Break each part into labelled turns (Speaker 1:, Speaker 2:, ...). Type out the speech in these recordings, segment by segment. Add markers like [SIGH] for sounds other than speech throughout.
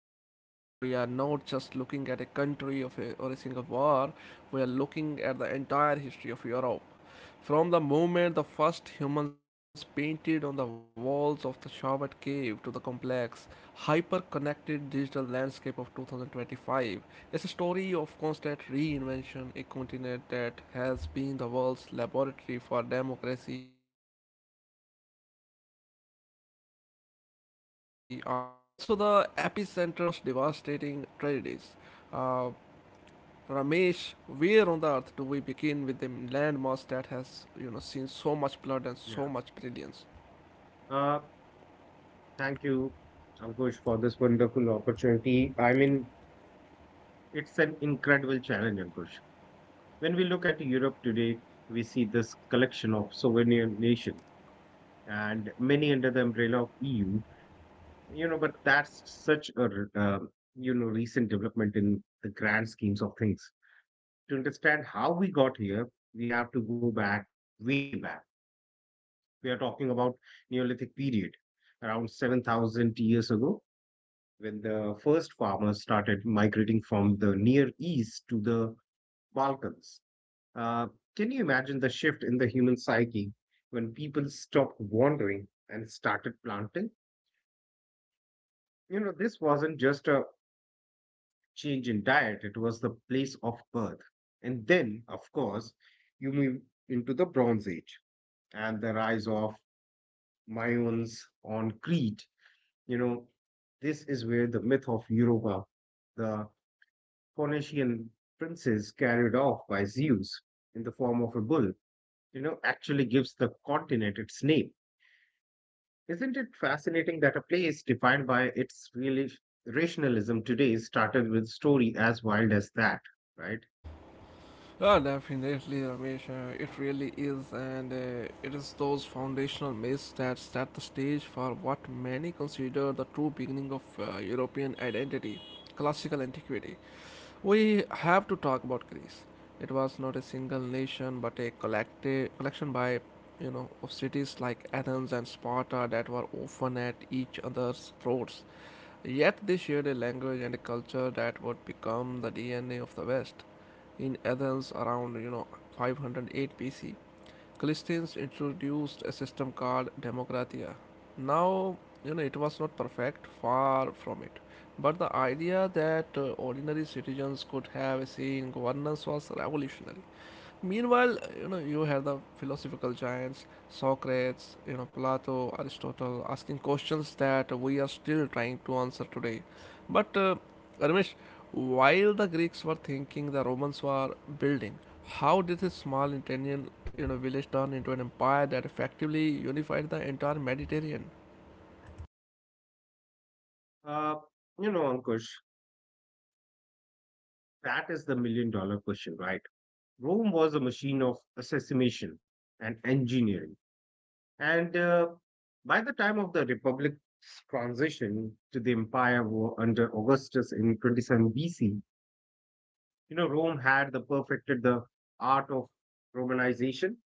Speaker 1: daunting. We are not just looking at a country of a, or a single war, we are looking at the entire history of Europe from the moment the first humans painted on the walls of the Shawat cave to the complex, hyper connected digital landscape of 2025. It's a story of constant reinvention, a continent that has been the world's laboratory for democracy, art, and science. But also the epicenter of its most devastating tragedies. Uh, Ramesh, where on the earth do we begin with a landmass that has, you know, seen so much blood and so much
Speaker 2: Yeah.
Speaker 1: brilliance?
Speaker 2: Uh, Thank you, Ankush, for this wonderful opportunity. I mean, it's an incredible challenge, Ankush. When we look at Europe today, we see this collection of sovereign nations and many under the umbrella of EU. But that's such a uh, recent development in the grand schemes of things. To understand how we got here, we have to go back way back. We are talking about Neolithic period, around 7,000 years ago when the first farmers started migrating from the Near East to the Balkans. Uh, can you imagine the shift in the human psyche when people stopped wandering and started planting? This wasn't just a change in diet, it was the place of birth. And then, of course, you move into the Bronze Age and the rise of Mayans on Crete. You know, this is where the myth of Europa, the Phoenician princes carried off by Zeus in the form of a bull, actually gives the continent its name. Isn't it fascinating that a place defined by its really rationalism today started with story as wild as that, right?
Speaker 1: Ah, oh, definitely, Ramesh. It really is, and it is those foundational myths that set the stage for what many consider the true beginning of European identity, classical antiquity. We have to talk about Greece. It was not a single nation, but a collective collection by, you know, of cities like Athens and Sparta that were often at each other's throats. Yet they shared a language and a culture that would become the DNA of the West. In Athens, around you know 508 BC, Christians introduced a system called Democratia. Now, you know, it was not perfect, far from it. But the idea that ordinary citizens could have a say in governance was revolutionary. Meanwhile, you know, you had the philosophical giants, Socrates, you know, Plato, Aristotle, asking questions that we are still trying to answer today. But Ramesh, while the Greeks were thinking, the Romans were building. How did this small Italian, you know, village turn into an empire that effectively unified the entire Mediterranean?
Speaker 2: Uh, Ankush, that is the million-dollar question, right? Rome was a machine of assassination and engineering. And By the time of the Republic's transition to the empire war under Augustus in 27 BC, Rome had the perfected the art of Romanization,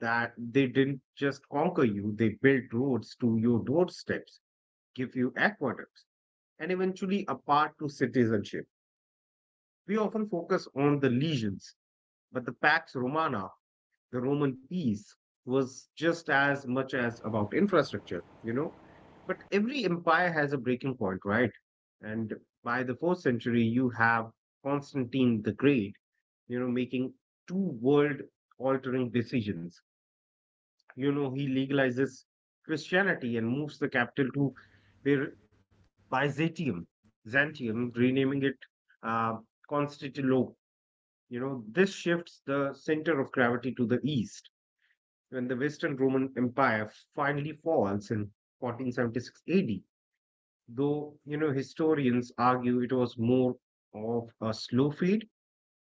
Speaker 2: that they didn't just conquer you, they built roads to your doorsteps, give you aqueducts, and eventually a path to citizenship. We often focus on the legions, but the Pax Romana, the Roman peace, was just as much as about infrastructure, you know. But every empire has a breaking point, right? And by the fourth century, you have Constantine the Great, making two world altering decisions. He legalizes Christianity and moves the capital to Bir- Byzantium, Byzantium, renaming it uh, Constantinople. This shifts the center of gravity to the east when the Western Roman Empire finally falls in 1476 AD. Though, historians argue it was more of a slow fade.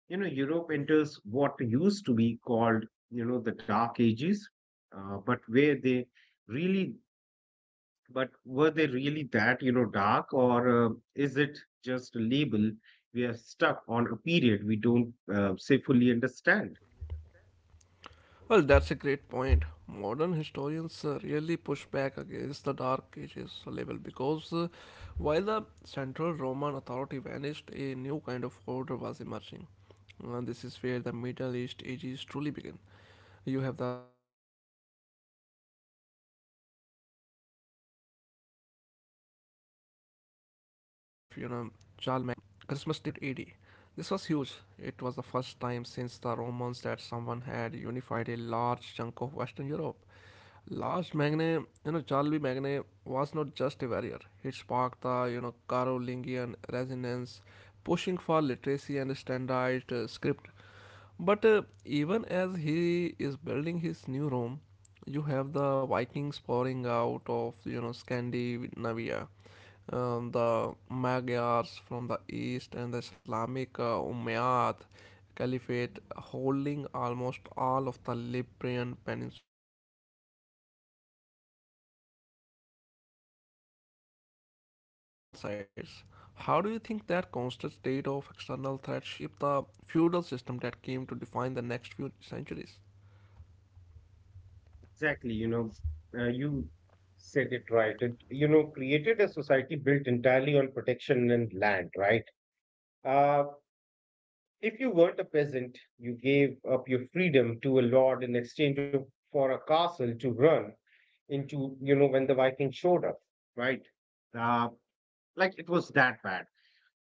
Speaker 2: Europe enters what used to be called, the Dark Ages, uh, but where they really, but were they really that, dark, or is it just a label we are stuck on a period we don't say fully understand?
Speaker 1: Well, that's a great point. Modern historians really push back against the Dark Ages label because while the central Roman authority vanished, a new kind of order was emerging. And this is where the Middle East ages truly begin. You have the rise of Franks and the crowning of, you know, Charles Magne as Holy Roman Emperor on Christmas Day 800 AD. This was huge. It was the first time since the Romans that someone had unified a large chunk of Western Europe. Lars Magne, you know, Charles Magne was not just a warrior. He sparked the, you know, Carolingian resonance, pushing for literacy and standardized script. But even as he is building his new Rome, you have the Vikings pouring out of you know Scandinavia, the Magyars from the east, and the Islamic Umayyad Caliphate holding almost all of the Libyan Peninsula. It was a continent under siege from all sides. How do you think that constant state of external threat shaped the feudal system that came to define the next few centuries?
Speaker 2: Exactly, you said it right. It, created a society built entirely on protection and land, right? Uh, if you weren't a peasant, you gave up your freedom to a lord for a castle to run into, when the Vikings showed up, right? Uh, like it was that bad.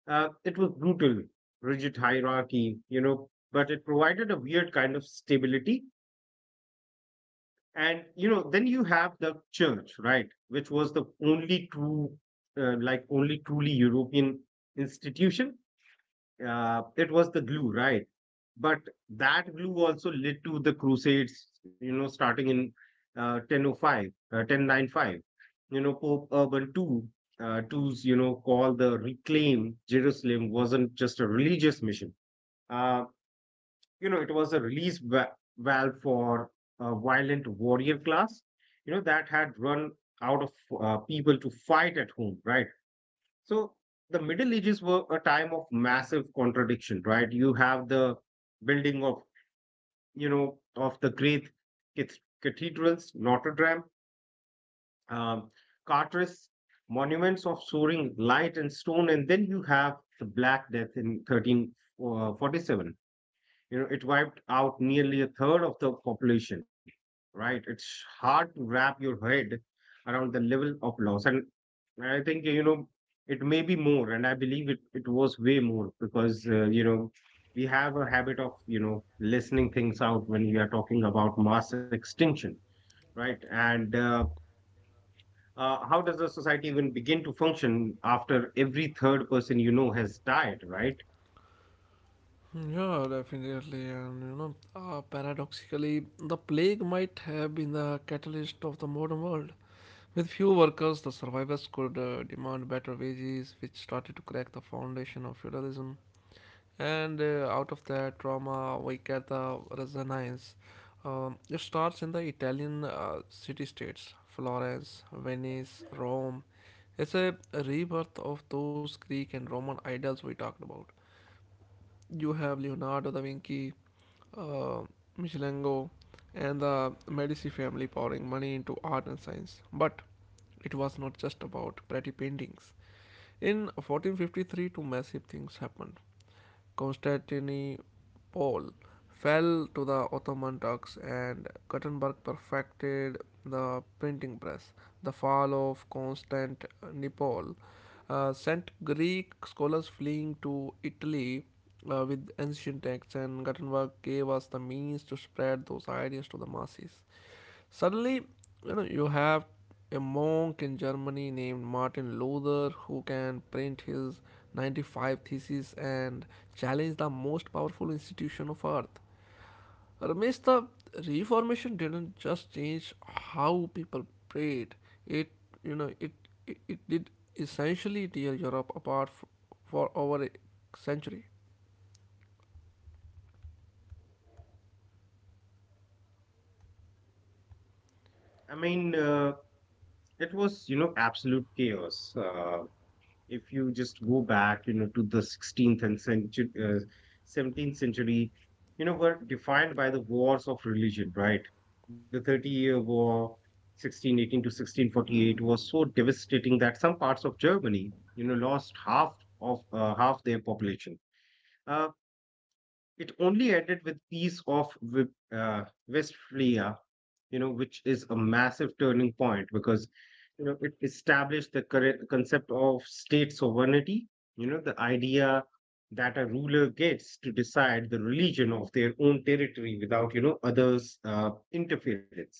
Speaker 2: It was brutal, rigid hierarchy, but it provided a weird kind of stability. And then you have the church, right, which was the only true like only truly european institution. It was the glue, right? But that glue also led to the crusades, starting in uh, 1005 uh, 1095. Pope Urban Two's call the reclaim Jerusalem wasn't just a religious mission. uh, it was a release valve for a violent warrior class, that had run out of people to fight at home, right? So the Middle Ages were a time of massive contradiction, right? You have the building of, of the great cathedrals, Notre Dame, um, Carteres, monuments of soaring light and stone, and then you have the Black Death in 1347. It wiped out nearly a third of the population, right. It's hard to wrap your head around the level of loss. And I think, it may be more, and I believe it, was way more, because we have a habit of listening things out when we are talking about mass extinction, right. And how does the society even begin to function after every third person, has died, right?
Speaker 1: Yeah, definitely. And you know, paradoxically, the plague might have been the catalyst of the modern world. With few workers, the survivors could demand better wages, which started to crack the foundation of feudalism. And out of that trauma, we get the Renaissance. It starts in the Italian city states Florence, Venice, Rome. It's a rebirth of those Greek and Roman ideals we talked about. You have Leonardo da Vinci, uh, Michelango and the Medici family pouring money into art and science. But it was not just about pretty paintings. In 1453, two massive things happened. Constantine Pole fell to the Ottoman Turks and Gutenberg perfected the printing press. The fall of Constantinople sent Greek scholars fleeing to Italy with ancient texts, and Gutenberg gave us the means to spread those ideas to the masses. Suddenly, you know, you have a monk in Germany named Martin Luther who can print his 95 theses and challenge the most powerful institution of earth. Ramesh, the Reformation didn't just change how people prayed. It, you know, it did essentially tear Europe apart for over a century.
Speaker 2: I mean uh, it was absolute chaos. uh, if you just go back, to the 16th and century, 17th century, were defined by the wars of religion, right? The 30 Year War, 1618 to 1648, was so devastating that some parts of Germany, lost half their population. Uh, it only ended with peace of Westphalia, which is a massive turning point because it established the correct concept of state sovereignty, the idea that a ruler gets to decide the religion of their own territory without, others' interference.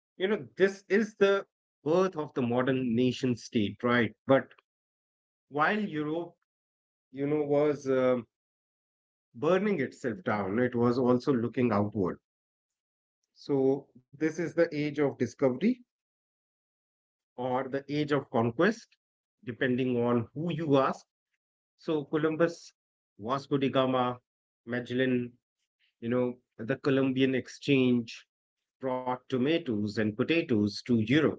Speaker 2: This is the birth of the modern nation state, right? But while Europe, you know, was burning itself down, it was also looking outward. So this is the age of discovery or the age of conquest, depending on who you ask. So Columbus, Vasco da Gama, Magellan, the Columbian exchange brought tomatoes and potatoes to Europe,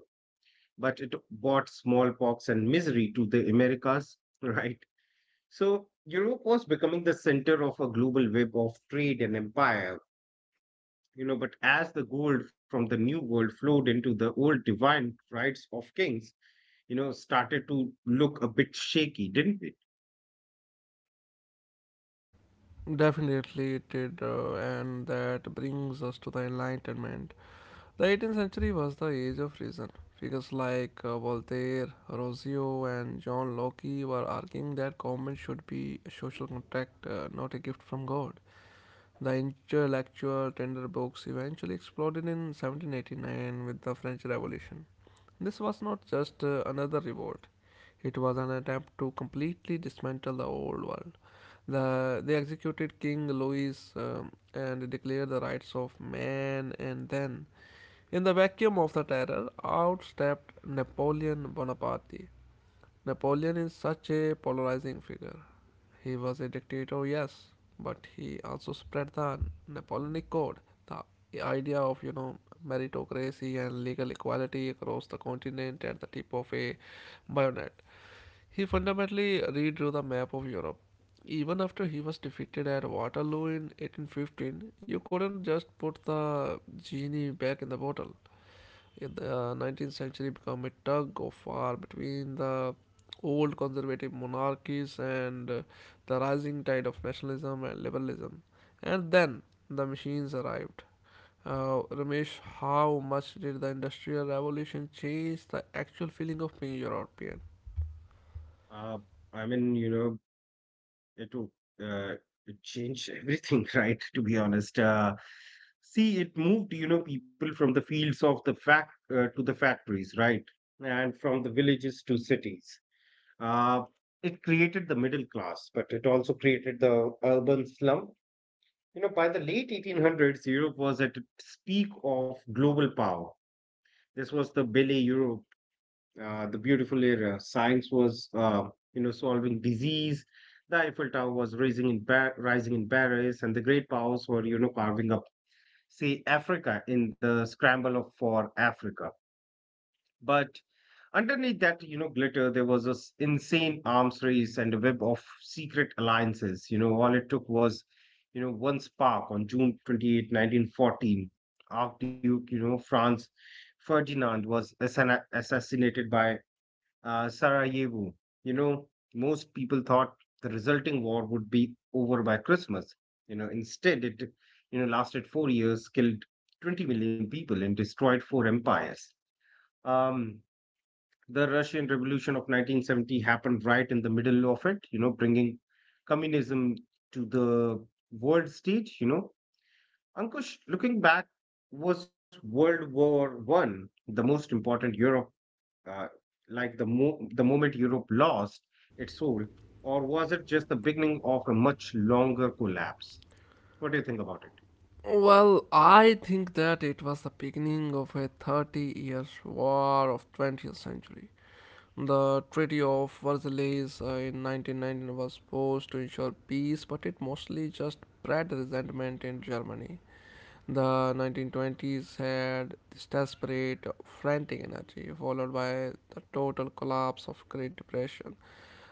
Speaker 2: but it brought smallpox and misery to the Americas, [LAUGHS] right? So Europe was becoming the center of a global web of trade and empire. But as the gold from the new world flowed into the old divine rights of kings, started to look a bit shaky, didn't it?
Speaker 1: Definitely it did, and that brings us to the Enlightenment. The 18th century was the age of reason. Figures like Voltaire, Rousseau, and John Locke were arguing that government should be a social contract, not a gift from God. The intellectual tender books eventually exploded in 1789 with the French Revolution. This was not just another revolt. It was an attempt to completely dismantle the old world. The, they executed King Louis and declared the rights of man, and then in the vacuum of the terror, out stepped Napoleon Bonaparte. Napoleon is such a polarizing figure. He was a dictator, yes, but he also spread the Napoleonic code, the idea of, you know, meritocracy and legal equality across the continent at the tip of a bayonet. He fundamentally redrew the map of Europe. Even after he was defeated at Waterloo in 1815, you couldn't just put the genie back in the bottle in the 19th century become a tug of war between the old conservative monarchies and the rising tide of nationalism and liberalism. And then the machines arrived. Ramesh, how much did the Industrial Revolution change the actual feeling of being European?
Speaker 2: Uh, I mean, you know, to uh, change everything, [LAUGHS] right? To be honest, see, it moved, people from the fields of the fact to the factories, right, and from the villages to cities. Uh, it created the middle class, but it also created the urban slum. By the late 1800s, Europe was at its peak of global power. This was the Belle Europe, the beautiful era. Science was, solving disease. The Eiffel Tower was rising in Paris, and the great powers were, carving up, say, Africa in the for Africa. But underneath that, glitter, there was this insane arms race and a web of secret alliances. All it took was, one spark on June 28, 1914. Archduke, France Ferdinand was assassinated by Sarajevo. You know, Most people thought the resulting war would be over by Christmas. Instead, it lasted 4 years, killed 20 million people, and destroyed four empires. Um, the Russian Revolution of 1970 happened right in the middle of it. Bringing communism to the world stage. Ankush, looking back, was World War One the most important Europe? uh, the moment Europe lost its soul, or was it just the beginning of a much longer collapse? What do you think about it?
Speaker 1: Well, I think that it was the beginning of a 30 years war of 20th century. The Treaty of Versailles in 1919 was supposed to ensure peace, but it mostly just bred resentment in Germany. The 1920s had this desperate, frantic energy, followed by the total collapse of Great Depression.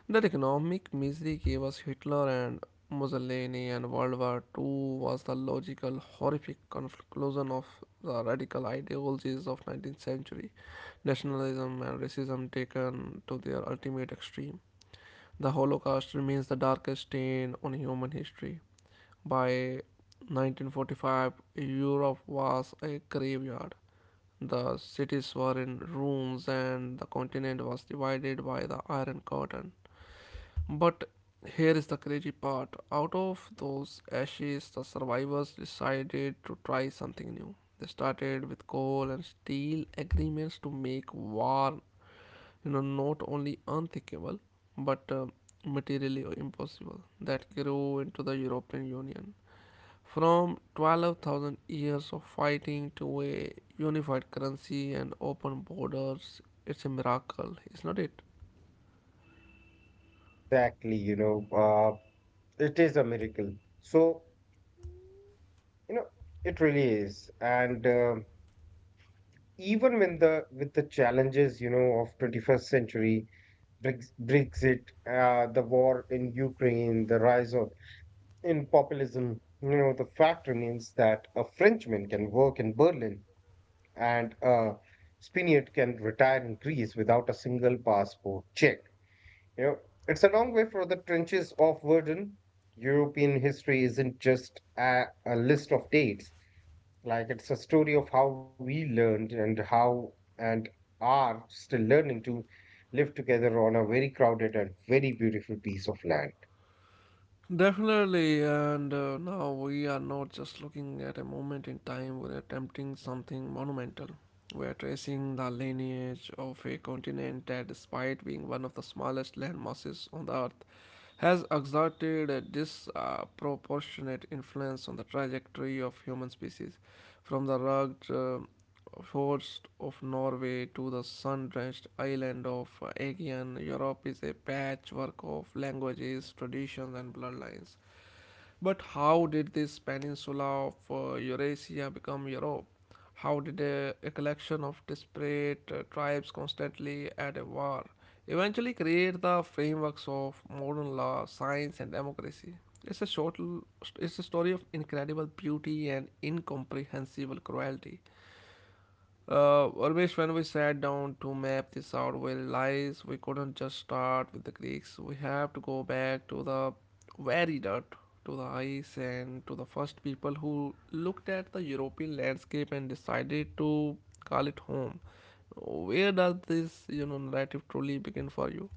Speaker 1: That economic misery gave us Hitler and Mussolini, and World War II was the logical, horrific conclusion of the radical ideologies of 19th century. Nationalism and racism taken to their ultimate extreme. The Holocaust remains the darkest stain on human history. By 1945, Europe was a graveyard. The cities were in ruins, and the continent was divided by the Iron Curtain. But here is the crazy part. Out of those ashes, the survivors decided to try something new. They started with coal and steel agreements to make war, you know, not only unthinkable but materially impossible. That grew into the European Union. From 12,000 years of fighting to a unified currency and open borders, it's a miracle, is not it?
Speaker 2: Exactly, it is a miracle. So, you know, it really is. And even when the with the challenges, of 21st century, Brexit, the war in Ukraine, the rise of in populism, the fact remains that a Frenchman can work in Berlin, and Spinett can retire in Greece without a single passport check. You know, it's a long way from the trenches of Verdun. European history isn't just a list of dates. Like it's a story of how we learned and how and are still learning to live together on a very crowded and very beautiful piece of land.
Speaker 1: Definitely, and now we are not just looking at a moment in time, we're attempting something monumental. We're tracing the lineage of a continent that, despite being one of the smallest land masses on the earth, has exerted a disproportionate influence on the trajectory of human species. From the rugged Forced of Norway to the sun-drenched island of Aegean, Europe is a patchwork of languages, traditions, and bloodlines. But how did this peninsula of Eurasia become Europe? How did a collection of disparate tribes constantly at a war eventually create the frameworks of modern law, science, and democracy? It's a short, it's a story of incredible beauty and incomprehensible cruelty. Urmesh, when we sat down to map this out, we realized we couldn't just start with the Greeks. We have to go back to the very dirt, to the ice, and to the first people who looked at the European landscape and decided to call it home. Where does this, you know, narrative truly begin for you?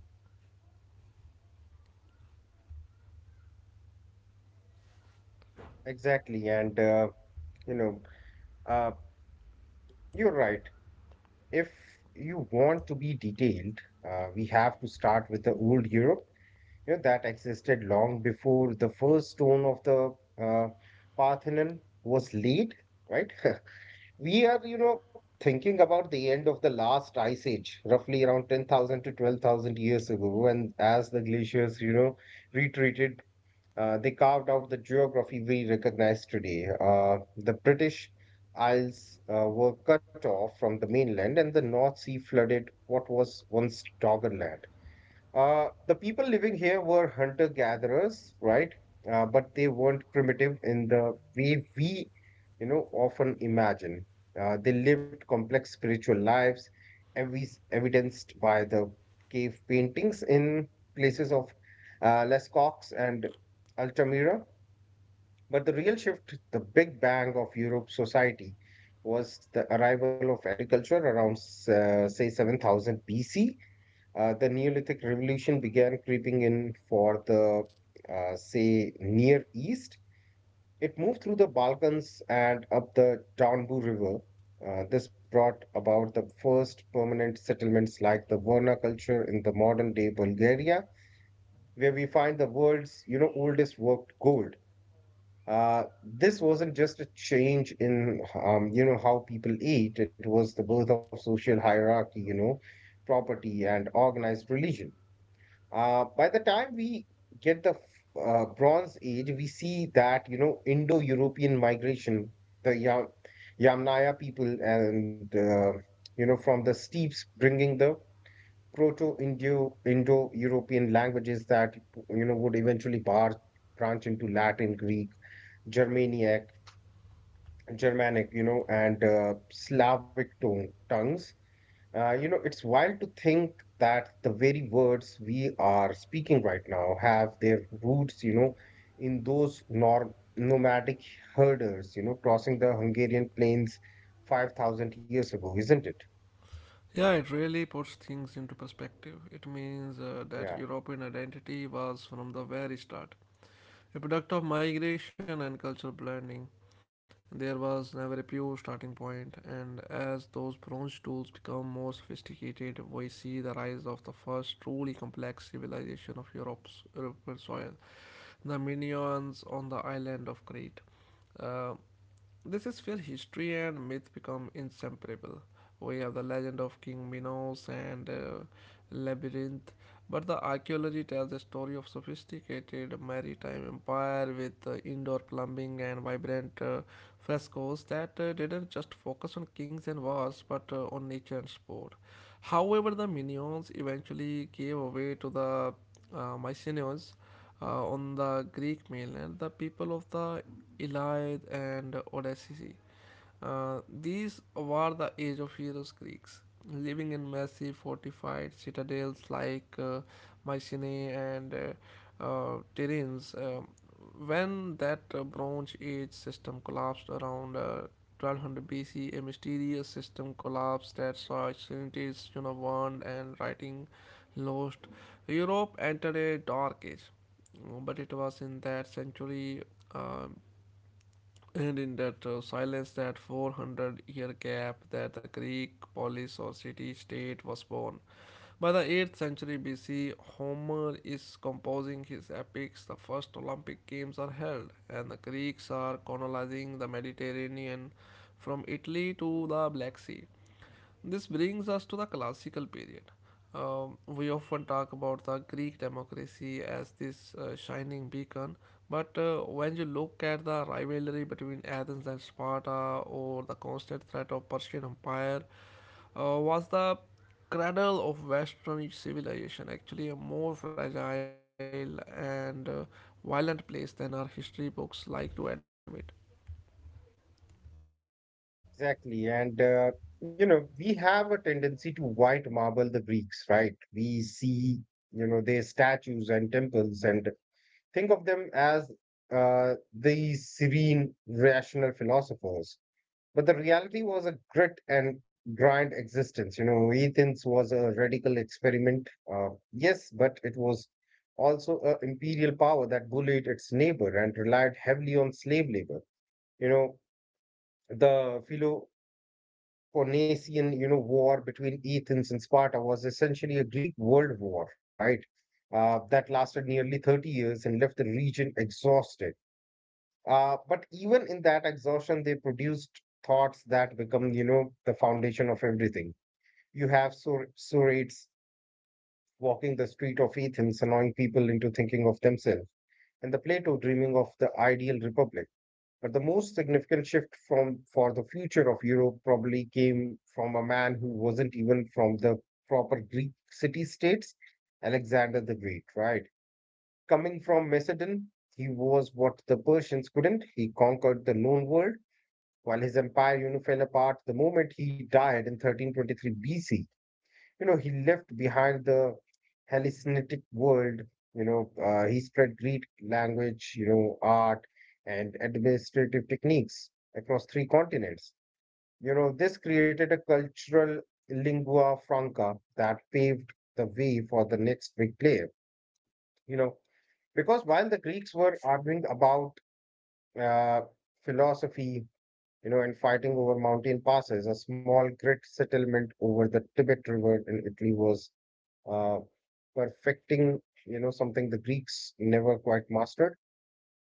Speaker 2: Exactly, you know, uh, you're right. If you want to be detailed, we have to start with the old Europe, that existed long before the first stone of the uh, Parthenon was laid, right? [LAUGHS] We are, thinking about the end of the last ice age, roughly around 10,000 to 12,000 years ago, and as the glaciers, retreated, they carved out the geography we recognize today. The British Isles were cut off from the mainland, and the North Sea flooded what was once Doggerland. The people living here were hunter gatherers, right? But they weren't primitive in the way we, often imagine. They lived complex spiritual lives, every evidenced by the cave paintings in places of Les and Altamira. But the real shift, the big bang of Europe society, was the arrival of agriculture around, say, 7000 BC. The Neolithic Revolution began creeping in for the, say, Near East. It moved through the Balkans and up the Danube River. This brought about the first permanent settlements like the Verna culture in the modern day Bulgaria, where we find the world's oldest worked gold. This wasn't just a change in you know how people eat; it was the birth of social hierarchy, property and organized religion. By the time we get the Bronze Age, we see that Indo-European migration, the Yamnaya people, and from the steppes, bringing the Proto-Indo Indo-European languages that would eventually bar branch into Latin, Greek, Germanic, Germanic, and Slavic tone tongues. It's wild to think that the very words we are speaking right now have their roots, in those nor nomadic herders, crossing the Hungarian plains 5,000 years ago, isn't it?
Speaker 1: Yeah, it really puts things into perspective. It means that
Speaker 2: Yeah,
Speaker 1: European identity was from the very start a product of migration and cultural blending. There was never a pure starting point, and as those bronze tools become more sophisticated, we see the rise of the first truly complex civilization of Europe's European soil, the Minoans on the island of Crete. Uh, this is where history and myth become inseparable. We have the legend of King Minos and Labyrinth, but the archaeology tells a story of sophisticated maritime empire with indoor plumbing and vibrant frescoes that didn't just focus on kings and wars but on nature and sport. However, the Minions eventually gave way to the Mycenaeans on the Greek mainland. The people of the Elide, and Odysseus. These were the age of heroes Greeks, living in massive fortified citadels like Mycenae and Tiryns. When that Bronze Age system collapsed around 1200 BC, a mysterious system collapsed that saw cities, you know, burned and writing lost. Europe entered a dark age, but it was in that century um, and in that silence, that 400-year gap, that the Greek polis or city state was born. By the 8th century BC, Homer is composing his epics. The first Olympic Games are held, and the Greeks are colonizing the Mediterranean from Italy to the Black Sea. This brings us to the classical period. We often talk about the Greek democracy as this shining beacon, but when you look at the rivalry between Athens and Sparta or the constant threat of Persian Empire, was the cradle of Western civilization actually a more fragile and violent place than our history books like to admit?
Speaker 2: exactly. We have a tendency to white marble the Greeks, right? We see, their statues and temples and think of them as uh, these serene, rational philosophers. But the reality was a grit and grind existence. You know, Ethan's was a radical experiment. Yes, but it was also an imperial power that bullied its neighbor and relied heavily on slave labor. You know, the Peloponnesian war between Athens and Sparta was essentially a Greek world war, right? That lasted nearly 30 years and left the region exhausted, but even in that exhaustion, they produced thoughts that become, the foundation of everything. You have Surates walking the street of Athens, annoying people into thinking of themselves, and the Plato dreaming of the ideal republic. But the most significant shift from for the future of Europe probably came from a man who wasn't even from the proper Greek city-states, Alexander the Great, right? Coming from Macedon, he was what the Persians couldn't. He conquered the known world while his empire, fell apart the moment he died in 1323 BC. He left behind the Hellenic world. He spread Greek language, art and administrative techniques across three continents. You know, this created a cultural lingua franca that paved the way for the next big player. You know, because while the Greeks were arguing about uh, philosophy, in fighting over mountain passes, a small grit settlement over the Tibet River in Italy was uh, perfecting, something the Greeks never quite mastered,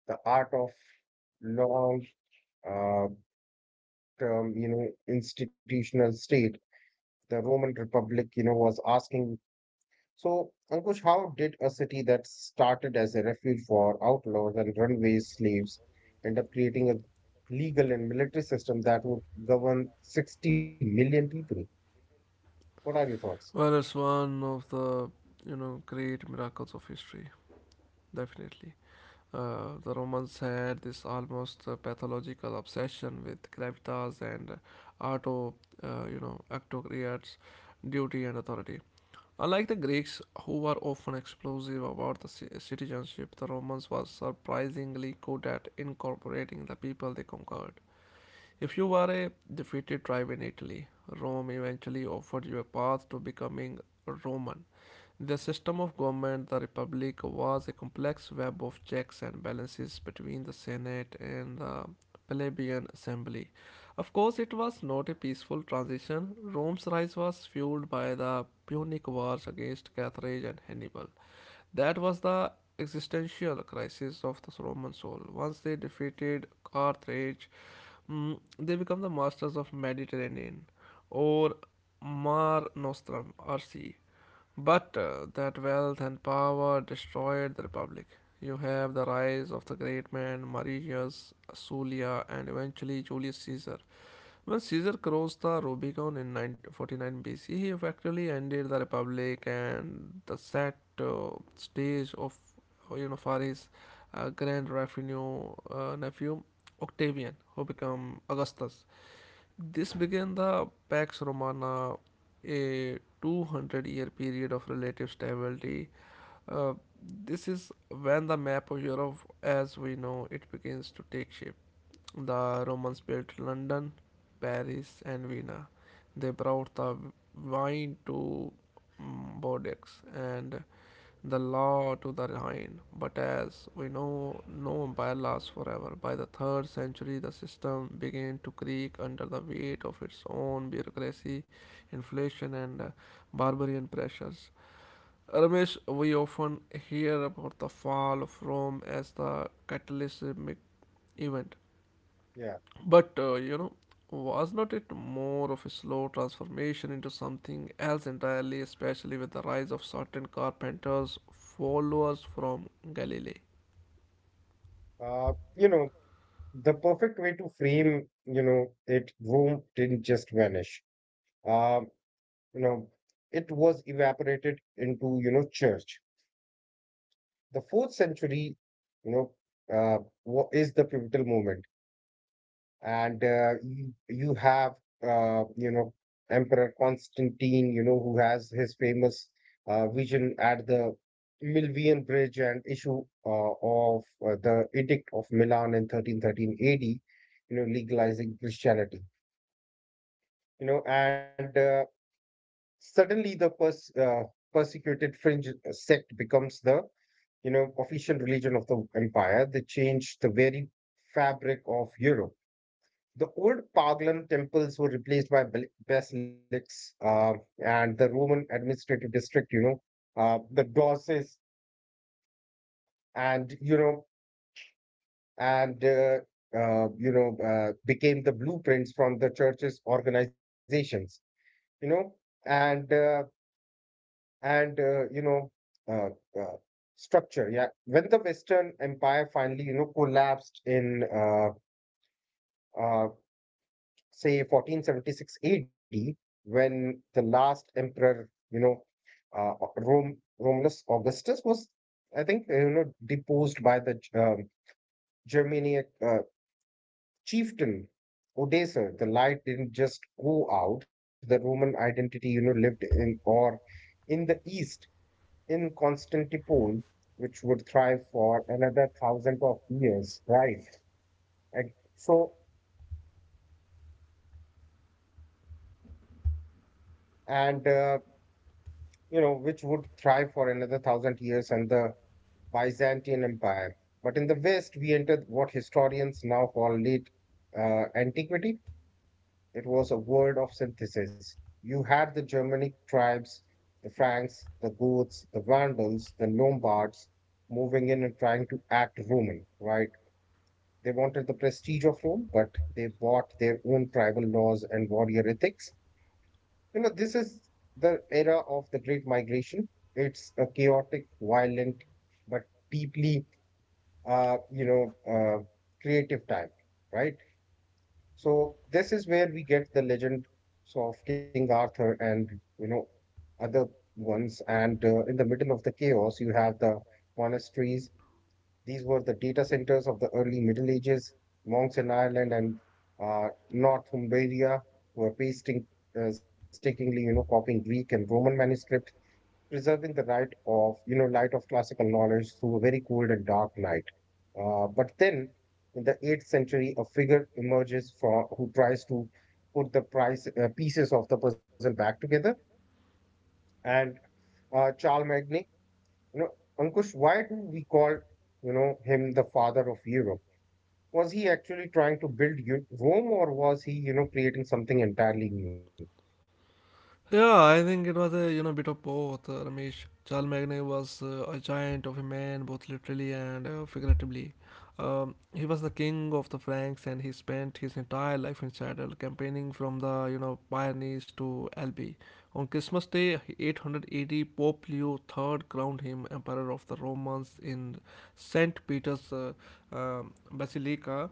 Speaker 2: the art of long, uh, term, institutional state. The Roman Republic, was asking. So, Ankush, how did a city that started as a refuge for outlaws and runaway slaves end up creating a legal and military system that would govern 60 million people? What are your thoughts?
Speaker 1: Well, it's one of the great miracles of history, definitely. The Romans had this almost pathological obsession with gravitas and octocrates, duty and authority. Unlike the Greeks, who were often explosive about the citizenship, the Romans were surprisingly good at incorporating the people they conquered. If you were a defeated tribe in Italy, Rome eventually offered you a path to becoming Roman. The system of government, the republic, was a complex web of checks and balances between the Senate and the plebeian assembly. Of course, it was not a peaceful transition. Rome's rise was fueled by the Punic Wars against Carthage and Hannibal. That was the existential crisis of the Roman soul. Once they defeated Carthage, they become the masters of Mediterranean, or Mar Nostrum, or sea. But that wealth and power destroyed the republic. You have the rise of the great men Marius, Sulla, and eventually Julius Caesar. When Caesar crossed the Rubicon in 9 49 BC, he effectively ended the republic and the set stage of for his grand revenue nephew Octavian, who became Augustus. This began the Pax Romana, a 200-year period of relative stability. Uh, this is when the map of Europe as we know it begins to take shape. The Romans built London, Paris, and Vienna. They brought the wine to Bordeaux and the law to the hind. But as we know, no empire lasts forever. By the third century, the system began to creak under the weight of its own bureaucracy, inflation, and barbarian pressures. Ramesh, we often hear about the fall of Rome as the catalytic event,
Speaker 2: Yeah.
Speaker 1: but was not it more of a slow transformation into something else entirely, especially with the rise of certain carpenters' followers from Galilee?
Speaker 2: Uh, you know, the perfect way to frame, it, Rome didn't just vanish. Um, you know, it was evaporated into, church. The fourth century, you know, uh, is the pivotal moment. And you have Emperor Constantine, who has his famous vision at the Milvian Bridge and issue of the Edict of Milan in 1313 AD, legalizing Christianity. You know, and Suddenly the persecuted fringe sect becomes the official religion of the empire. They change the very fabric of Europe. The old Paglan temples were replaced by basilics, and the Roman administrative district, the Dorses, and you know, and you know, became the blueprints from the church's organizations, you know, and uh, and you know, uh, uh, structure. Yeah, when the Western Empire finally, collapsed in uh, say 1476 AD, when the last emperor, Romulus Augustus was, I think, deposed by the Germanic chieftain Odoacer. The light didn't just go out; the Roman identity, lived in the east, in Constantinople, which would thrive for another thousand of years, right? And so, and you know, Which would thrive for another thousand years, and the Byzantine Empire. But in the West, we entered what historians now call late antiquity. It was a world of synthesis. You had the Germanic tribes, the Franks, the Goths, the Vandals, the Lombards moving in and trying to act Roman, right? They wanted the prestige of Rome, but they bought their own tribal laws and warrior ethics. You know, this is the era of the Great Migration. It's a chaotic, violent, but deeply uh, you know, uh, creative time, right? So this is where we get the legends of King Arthur and you know other ones. And in the middle of the chaos, you have the monasteries. These were the data centers of the early Middle Ages. Monks in Ireland and Northumbria were pasting, stickingly, copying Greek and Roman manuscripts, preserving the right of you know light of classical knowledge through a very cold and dark night. But then, in the eighth century, a figure emerges from who tries to put the price pieces of the puzzle back together. And Charles Magne, you know, Ankush, why do we call him the father of Europe? Was he actually trying to build Rome, or was he creating something entirely new?
Speaker 1: Yeah, I think it was a bit of both. Ramesh Chalmagne was a giant of a man, both literally and figuratively. He was the king of the Franks, and he spent his entire life in saddle, campaigning from the Pyrenees to Albi. On Christmas Day, 880, Pope Leo III crowned him emperor of the Romans in Saint Peter's Basilica,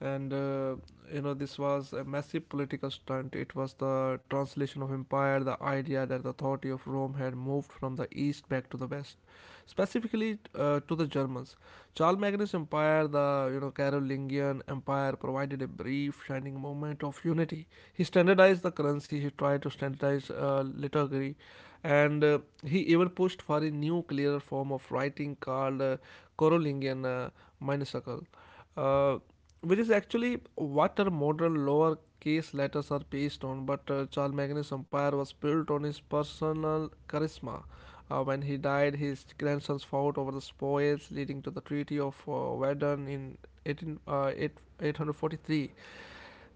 Speaker 1: and this was a massive political stunt. It was the translation of empire, the idea that the authority of Rome had moved from the east back to the west, specifically to the Germans. Charlemagnus empire, the Carolingian empire, provided a brief shining moment of unity. He standardized the currency. He tried to standardize liturgy, and he even pushed for a new clearer form of writing called Carolingian minuscule, uh, which is actually what our modern lowercase letters are based on. But Charles Magnus' empire was built on his personal charisma. When he died, his grandsons fought over the spoils, leading to the Treaty of Verdun in 18, 8, 843.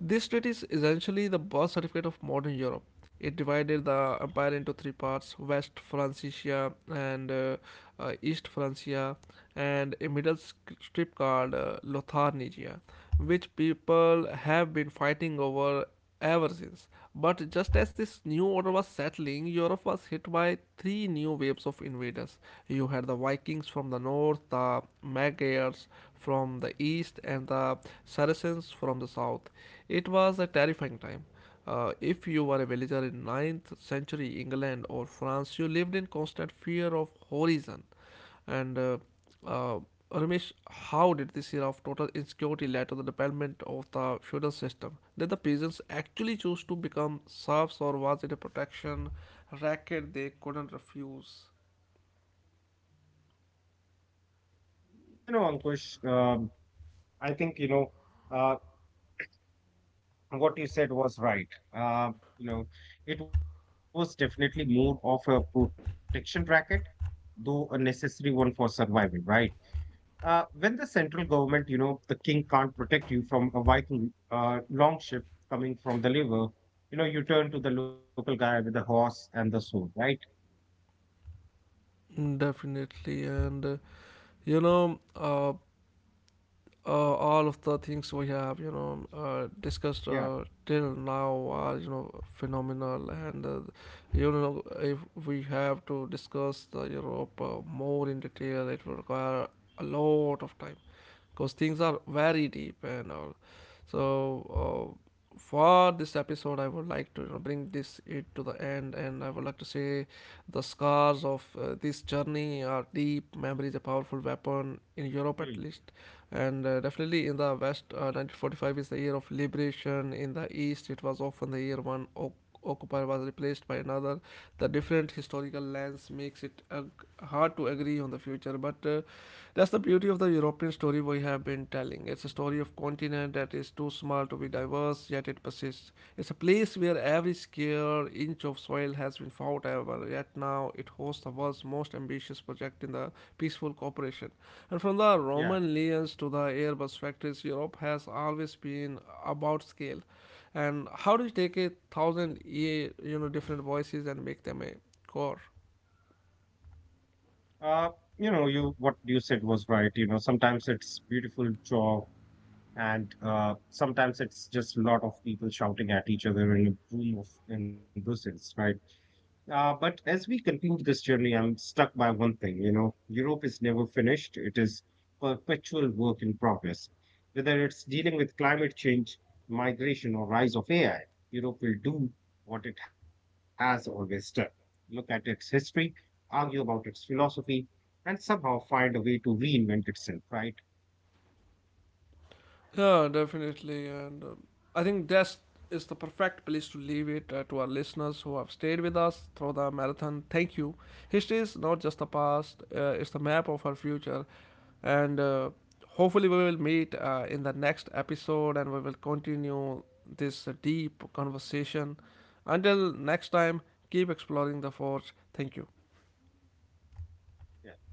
Speaker 1: This treaty is essentially the birth certificate of modern Europe. It divided the empire into three parts West Francia and East Francia, and a middle strip called Lotharnia, which people have been fighting over ever since. But just as this new order was settling, Europe was hit by three new waves of invaders. You had the Vikings from the north, the Magyars from the east, and the Saracens from the south. It was a terrifying time. If you were a villager in ninth century England or France, you lived in constant fear of horizon. And uh, Ramesh, how did this era of total insecurity lead to the development of the feudal system? Did the peasants actually choose to become serfs or was it a protection racket they couldn't refuse?
Speaker 2: Ankush, I think you know. Uh, what you said was right. Uh, you know, it was definitely more of a protection bracket, though a necessary one for survival, right? When the central government, the king can't protect you from a Viking long ship coming from the river, you turn to the local guy with the horse and the sword, right?
Speaker 1: Definitely, and you know, uh, all of the things we have discussed
Speaker 2: Yeah.
Speaker 1: till now are phenomenal, and if we have to discuss the Europe more in detail, it will require a lot of time because things are very deep and all. So uh, for this episode I would like to bring this it to the end, and I would like to say the scars of this journey are deep. Memory is a powerful weapon in
Speaker 2: Hmm.
Speaker 1: Europe, at least, and definitely in the west, 1945 is the year of liberation. In the east it was often the year one occupier was replaced by another. The different historical lands makes it hard to agree on the future, but that's the beauty of the European story we have been telling. It's a story of continent that is too small to be diverse yet it persists. It's a place where every square inch of soil has been fought over, yet now it hosts the world's most ambitious project in the peaceful cooperation. And from the
Speaker 2: Yeah.
Speaker 1: Roman legions to the Airbus factories, Europe has always been about scale. And how do you take a thousand, different voices and make them a core?
Speaker 2: Uh, you what you said was right. You know, sometimes it's beautiful job and sometimes it's just a lot of people shouting at each other in a room of in Brussels, right? But as we conclude this journey, I'm stuck by one thing. You know, Europe is never finished; it is perpetual work in progress. Whether it's dealing with climate change, migration, or rise of AI, Europe will do what it has always done: look at its history, argue about its philosophy, and somehow find a way to reinvent itself. Right?
Speaker 1: Yeah, definitely. And I think that's is the perfect place to leave it to our listeners who have stayed with us through the marathon. Thank you. History is not just the past; it's the map of our future. And hopefully, we will meet in the next episode, and we will continue this deep conversation. Until next time, keep exploring the forge. Thank you.
Speaker 2: Yeah. Thank you.